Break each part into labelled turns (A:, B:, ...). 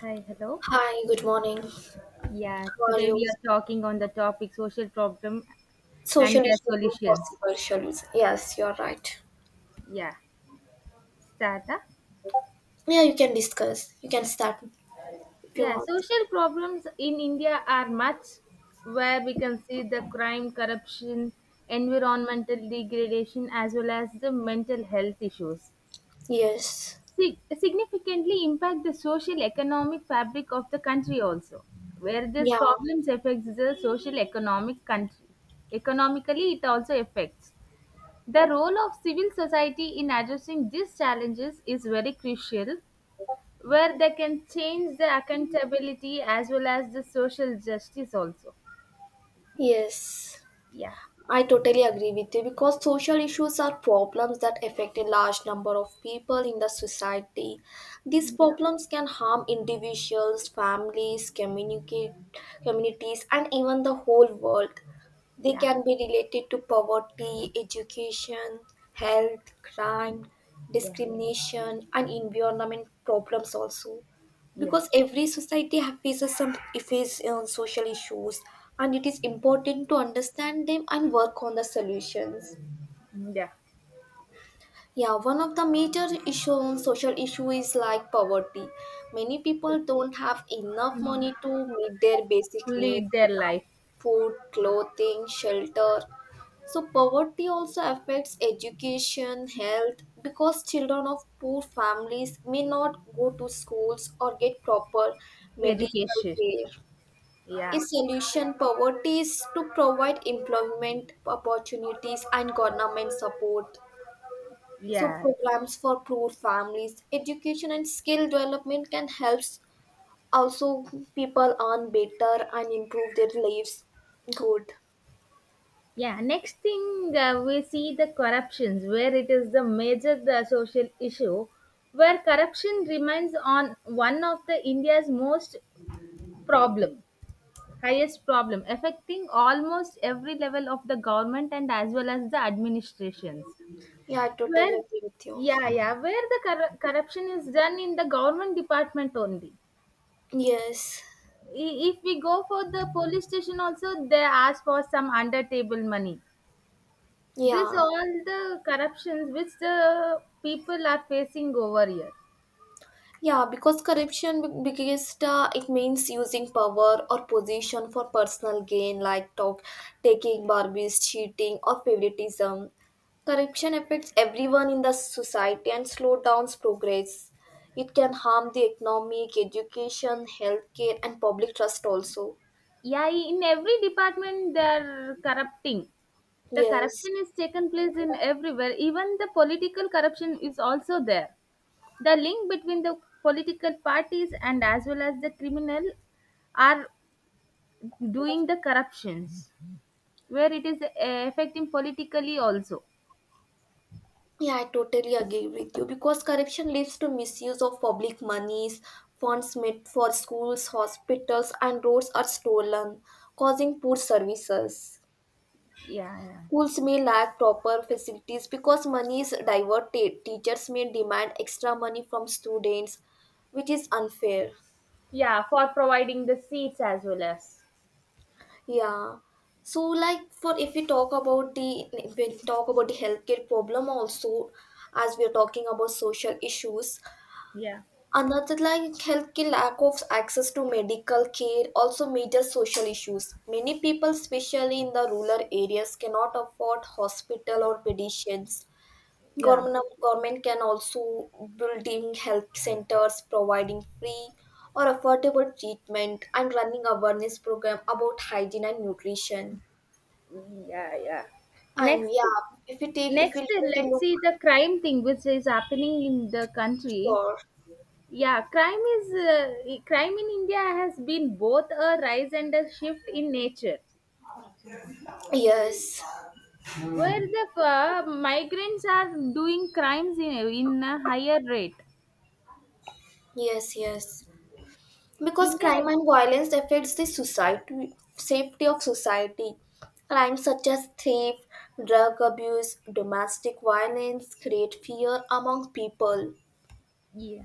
A: Hi, hello.
B: Hi, good morning.
A: Yeah,
B: How are
A: today
B: you?
A: we are talking on the topic social problem
B: Social
A: and their
B: issues are
A: solutions.
B: possible solutions. Yes, you're right.
A: Yeah, start. Huh?
B: Yeah, you can discuss. You can start if you
A: Yeah,
B: want.
A: social problems in India are much where we can see the crime, corruption, environmental degradation, as well as the mental health issues.
B: Yes.
A: Significantly impact the social economic fabric of the country also. Where these
B: Yeah.
A: problems affects the social economic country. Economically, it also affects. The role of civil society in addressing these challenges is very crucial, where they can change the accountability as well as the social justice also.
B: Yes.
A: Yeah,
B: I totally agree with you because social issues are problems that affect a large number of people in the society. These
A: yeah,
B: problems can harm individuals, families, communicate, communities, and even the whole world. They
A: yeah,
B: can be related to poverty, education, health, crime,
A: yeah,
B: discrimination, and environment problems also
A: yeah,
B: because every society faces some faces on social issues and it is important to understand them and work on the solutions.
A: yeah.
B: Yeah, one of the major issue, social issue is like poverty. Many people don't have enough
A: Mhm.
B: money to meet their basic needs,
A: Lead their
B: like
A: life,
B: food, clothing, shelter. So poverty also affects education, health, because children of poor families may not go to schools or get proper medical
A: education.
B: care.
A: Yeah,
B: A solution poverty is to provide employment opportunities and government support. So
A: yeah,
B: programs for poor families, education and skill development can help also people earn better and improve their lives. Good.
A: yeah. Next thing, we see the corruptions, where it is the major the social issue, where corruption remains on one of the India's most problem highest problem affecting almost every level of the government and as well as the administrations
B: Yeah, I totally
A: where
B: agree with you.
A: yeah, yeah, where the corruption is done in the government department only.
B: Yes.
A: If we go for the police station also, they ask for some under table money. This
B: Yeah.
A: all the corruptions which the people are facing over here.
B: Yeah, because biggest it means using power or position for personal gain, like talk, taking barbies, cheating, or favoritism. Corruption affects everyone in the society and slow down progress. It can harm the economic, education, healthcare, and public trust also.
A: Yeah, in every department they are corrupting, the
B: Yes.
A: corruption is taken place in everywhere, even the political corruption is also there, the link between the political parties and as well as the criminal are doing the corruptions, where it is affecting politically also.
B: Yeah, I totally agree with you because corruption leads to misuse of public monies, funds made for schools, hospitals, and roads are stolen, causing poor services.
A: Yeah, yeah,
B: Schools may lack proper facilities because money is diverted. Teachers may demand extra money from students, which is unfair.
A: yeah, for providing the seats as well as.
B: Yeah. So, like, for if we talk about the if we talk about the healthcare problem also, as we are talking about social issues,
A: Yeah,
B: another like health ki lack of access to medical care, also major social issues. Many people, especially in the rural areas, cannot afford hospital or medicines.
A: yeah,
B: Government can also building health centers, providing free or affordable treatment, and running awareness program about hygiene and nutrition.
A: yeah, yeah,
B: And
A: next.
B: yeah, if we
A: Next,
B: take a
A: let's
B: look,
A: see the crime thing which is happening in the country.
B: sure.
A: Yeah, crime is crime in India has been both a rise and a shift in nature,
B: Yes,
A: where the migrants are doing crimes in a higher rate.
B: yes, yes, because
A: India,
B: crime and violence affects the society, safety of society, crimes such as theft, drug abuse, domestic violence create fear among people.
A: yeah,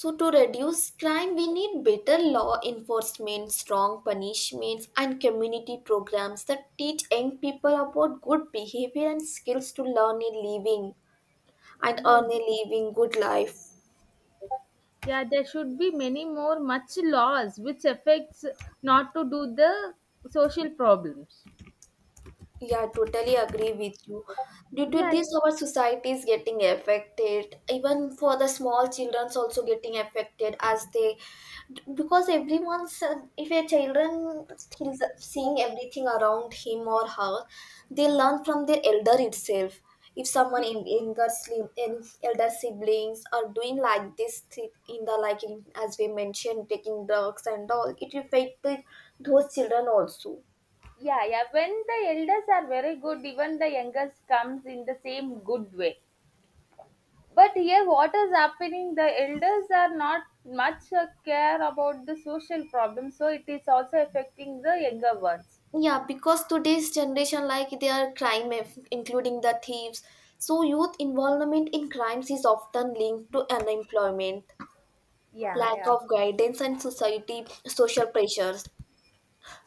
B: So to reduce crime we need better law enforcement, strong punishments and community programs that teach young people about good behavior and skills to learn a living and
A: yeah,
B: earn a living good life.
A: yeah. There should be many more much laws which affects not to do the social problems.
B: Yeah, totally agree with you. Due to
A: Yeah,
B: this, our society is getting affected. Even for the small childrens, also getting affected as they, because everyone's, if a children is seeing everything around him or her, they learn from their elder itself. If someone in in elder siblings are doing like in the like in, as we mentioned, taking drugs and all, it affected those children also.
A: yeah, yeah. When the elders are very good, even the youngest comes in the same good way. But here, what is happening? The elders are not much care about the social problem, so it is also affecting the younger ones.
B: Yeah, because today's generation, like they are crime, including the thieves. So youth involvement in crimes is often linked to unemployment,
A: Yeah,
B: lack
A: yeah,
B: of guidance, and society social pressures.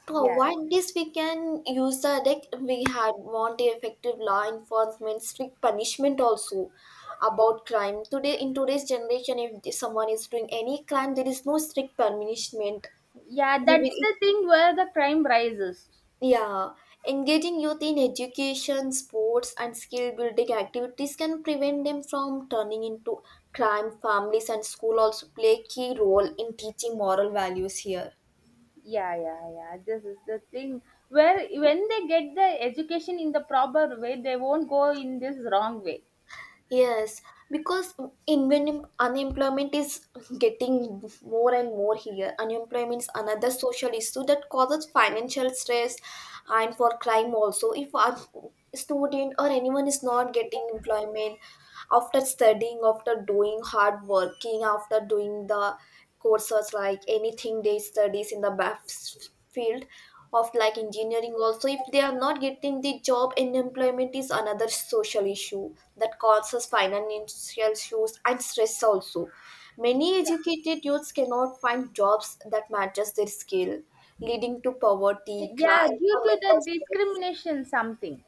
B: To
A: yeah,
B: avoid this, we can use the deck we had want effective law enforcement, strict punishment also about crime. Today, in today's generation, if someone is doing any crime, there is no strict punishment.
A: yeah,
B: They
A: that's
B: will,
A: the thing where the crime rises.
B: yeah, engaging youth in education, sports, and skill building activities can prevent them from turning into crime families, and school also play a key role in teaching moral values here.
A: Yeah, yeah, yeah. This is the thing. Where when they get the education in the proper way, they won't go in this wrong way.
B: Yes, because in when unemployment is getting more and more here, unemployment is another social issue that causes financial stress and for crime also. If a student or anyone is not getting employment after studying, after doing hard working, after doing the courses like anything they studies in the BAF field of like engineering also, if they are not getting the job, unemployment is another social issue that causes financial issues and stress also. Many educated youths cannot find jobs that matches their skill, leading to poverty,
A: Yeah, yeah,
B: crime
A: due
B: or
A: to
B: mental
A: the
B: stress.
A: discrimination, something.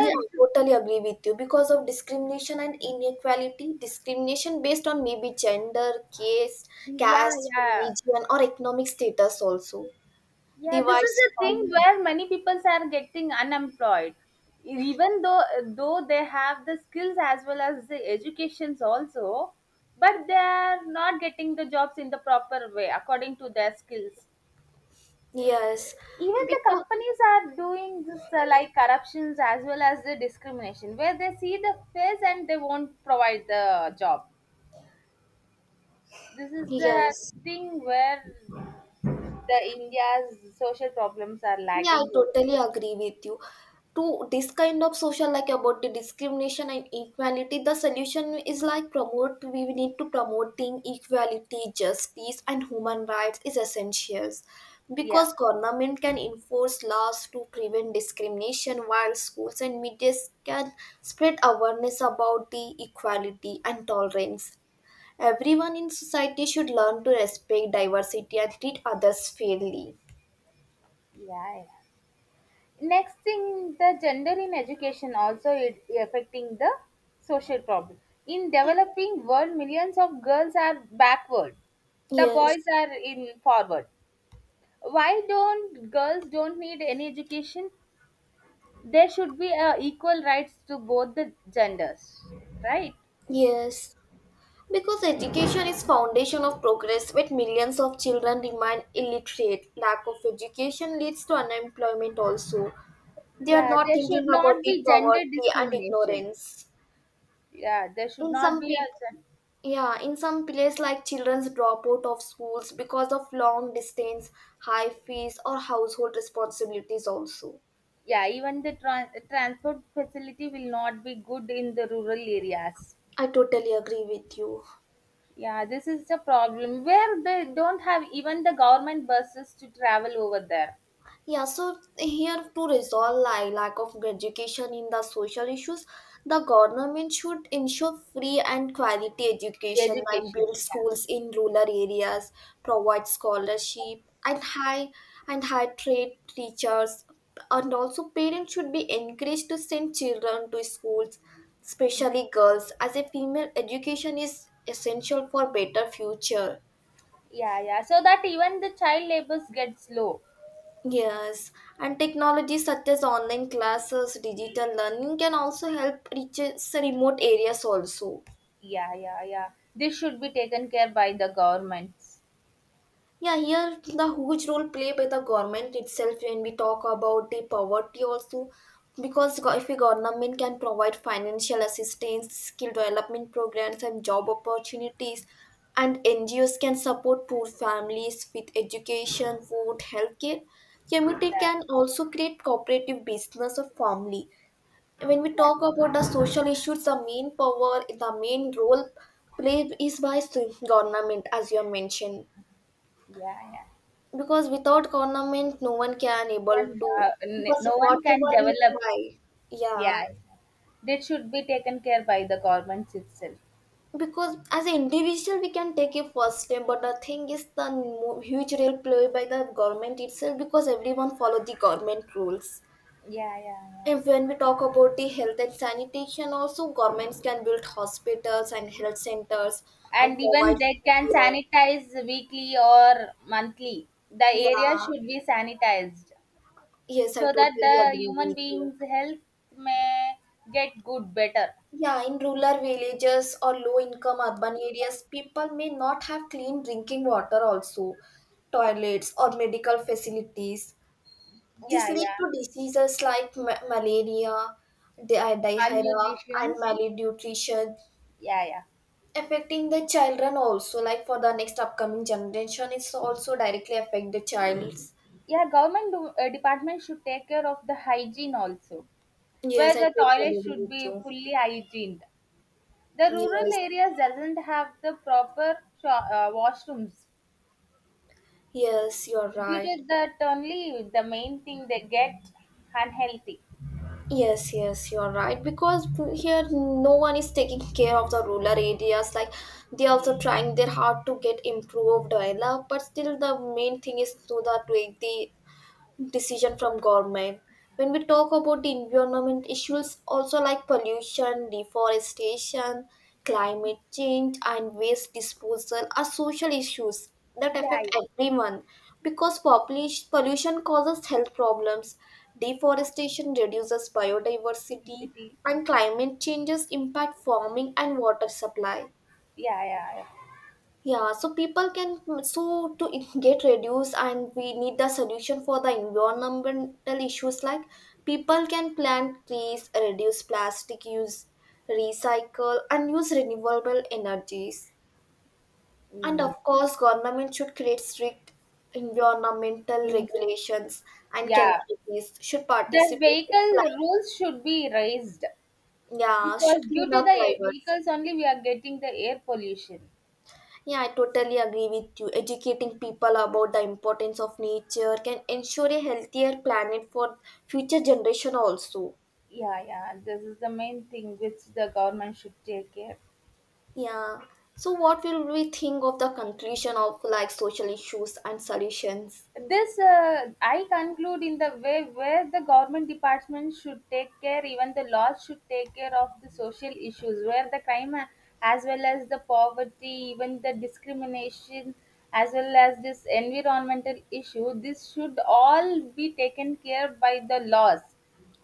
B: Yeah, I totally agree with you. Because of discrimination and inequality, discrimination based on maybe
A: yeah,
B: caste,
A: yeah,
B: religion, or economic status also
A: yeah. This is
B: divides
A: a thing
B: society.
A: where many people are getting unemployed, even though they have the skills as well as the educations also, but they are not getting the jobs in the proper way according to their skills.
B: Yes,
A: Even the
B: because
A: companies are doing this, like corruptions as well as the discrimination, where they see the face and they won't provide the job. This is the
B: yes.
A: thing where the India's social problems are
B: Yeah, I
A: lagging.
B: totally agree with you. To this kind of social, like about the discrimination and equality, the solution is like promote. We need to promoting equality, justice, and human rights is essentials,
A: Yeah,
B: because government can enforce laws to prevent discrimination, while schools and media can spread awareness about the equality and tolerance. Everyone in society should learn to respect diversity and treat others fairly.
A: yeah, yeah. Next thing, the gender in education also it affecting the social problem. In developing world, millions of girls are backward. The boys
B: Yes.
A: are in forward. Why don't girls don't need any education? There should be equal rights to both the genders, right?
B: Yes. Because education is foundation of progress, but millions of children remain illiterate. Lack of education leads to unemployment also. They are
A: Yeah,
B: not
A: there should
B: thinking
A: not
B: about
A: be
B: the
A: gender
B: poverty and
A: discrimination.
B: ignorance.
A: Yeah, there should
B: In
A: not
B: some
A: be
B: people,
A: a.
B: yeah, in some places like children's drop out of schools because of long distance, high fees or household responsibilities also.
A: Yeah, even the transport facility will not be good in the rural areas.
B: I totally agree with you.
A: Yeah, this is the problem where they don't have even the government buses to travel over there.
B: Yeah, so here to resolve like lack of education in the social issues, the government should ensure free and quality education, like
A: Education,
B: build schools in rural areas, provide scholarship and high trade teachers, and also parents should be encouraged to send children to schools,
A: yeah,
B: especially girls, as a female education is essential for better future.
A: yeah, yeah. So that even the child labors gets low.
B: Yes, and technology such as online classes, digital learning can also help reaches remote areas also.
A: Yeah, yeah, yeah. This should be taken care by the governments.
B: Yeah, here the huge role played by the government itself when we talk about the poverty also, because if a government can provide financial assistance, skill development programs and job opportunities, and NGOs can support poor families with education, food, healthcare, community
A: Yeah,
B: can also create cooperative business or family. When we talk about the social issues, the main role played is by government as you have mentioned,
A: yeah, yeah, yeah.
B: because without government no one can able
A: Then,
B: to, because
A: no one can
B: whatever we
A: develop.
B: try,
A: Yeah,
B: yeah,
A: yeah, this should be taken care by the governments itself.
B: because as an individual we can take a first step, but the thing is huge role played by the government itself because everyone follow the government rules.
A: Yeah, yeah, yeah,
B: And when we talk about the health and sanitation, also governments can build hospitals and health centers and
A: And even
B: provide
A: they can
B: law.
A: sanitize weekly or monthly, the area
B: Yeah,
A: should be sanitized
B: yes, I
A: so that the
B: totally agree
A: human
B: with you.
A: beings health may get good better.
B: Yeah, in rural villages or low-income urban areas, people may not have clean drinking water also, toilets or medical facilities. This
A: Yeah,
B: leads
A: yeah,
B: to diseases like malaria, diarrhea, and
A: malnutritions,
B: malnutrition,
A: yeah, yeah,
B: affecting the children also, like for the next upcoming generation it's also directly affect the child's.
A: yeah, government do, department should take care of the hygiene also,
B: Yes,
A: where
B: I
A: the
B: totally
A: toilet
B: agree
A: should
B: with you.
A: be fully hygiened, the rural
B: Yes,
A: areas doesn't have the proper washrooms.
B: yes, you're
A: Due
B: right.
A: to that only, the main thing they get unhealthy.
B: Yes, yes, you're right, because here no one is taking care of the rural areas, like they also trying their hard to get improved develop, but still the main thing is to the decision from government. When we talk about the environment issues also, like pollution, deforestation, climate change and waste disposal are social issues that
A: Yeah,
B: affect
A: yeah.
B: everyone, because population pollution causes health problems, deforestation reduces biodiversity,
A: Electricity.
B: and climate changes impact farming and water supply.
A: Yeah, yeah, yeah.
B: Yeah, so people can so to get reduced, and we need the solution for the environmental issues, like people can plant trees, reduce plastic use, recycle, and use renewable energies. And
A: Mm.
B: of course, government should create strict environmental
A: Rules.
B: regulations, and
A: Yeah.
B: communities should
A: The
B: participate in
A: vehicle
B: climate.
A: rules should be raised
B: Yeah,
A: because
B: should clean
A: due to
B: up
A: the
B: rivers.
A: vehicles only we are getting the air pollution.
B: Yeah, I totally agree with you. Educating people about the importance of nature can ensure a healthier planet for future generation also.
A: Yeah, yeah. This is the main thing which the government should take care.
B: Yeah. So what will we think of the conclusion of like social issues and solutions?
A: This, I conclude in the way where the government department should take care, even the laws should take care of the social issues, where the crime as well as the poverty, even the discrimination, as well as this environmental issue, this should all be taken care by the laws.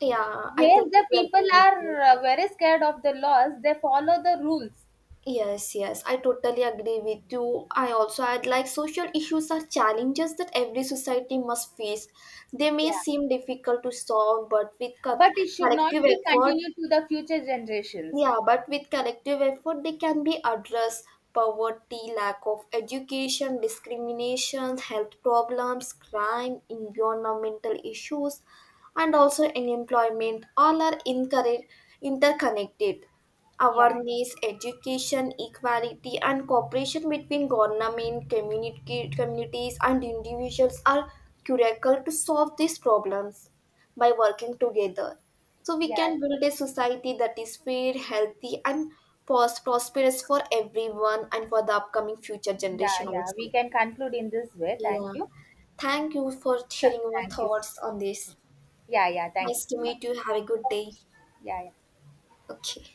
B: Yeah, I
A: Where the
B: totally
A: people
B: agree with you.
A: are very scared of the laws, they follow the rules.
B: Yes, yes, I totally agree with you. I also add like social issues are challenges that every society must face. They may
A: Yeah,
B: seem difficult to solve, but
A: but it should not
B: collective
A: be
B: effort,
A: continued to the future generations.
B: yeah, but with collective effort, they can be addressed: poverty, lack of education, discrimination, health problems, crime, environmental issues, and also unemployment. Interconnected.
A: Yeah,
B: Awareness, education, equality, and cooperation between government, community, communities, and individuals are critical to solve these problems by working together. So we can
A: yeah.
B: build a society that is fair, healthy, and prosperous for everyone and for the upcoming future
A: Yeah,
B: generation
A: yeah. We
B: also.
A: can conclude in this way.
B: Yeah.
A: Thank you.
B: Thank you for sharing your
A: Thank you.
B: thoughts on this.
A: Yeah, yeah. Thank you
B: Nice
A: so
B: to
A: much.
B: meet you. Have a good day.
A: Yeah, yeah.
B: Okay.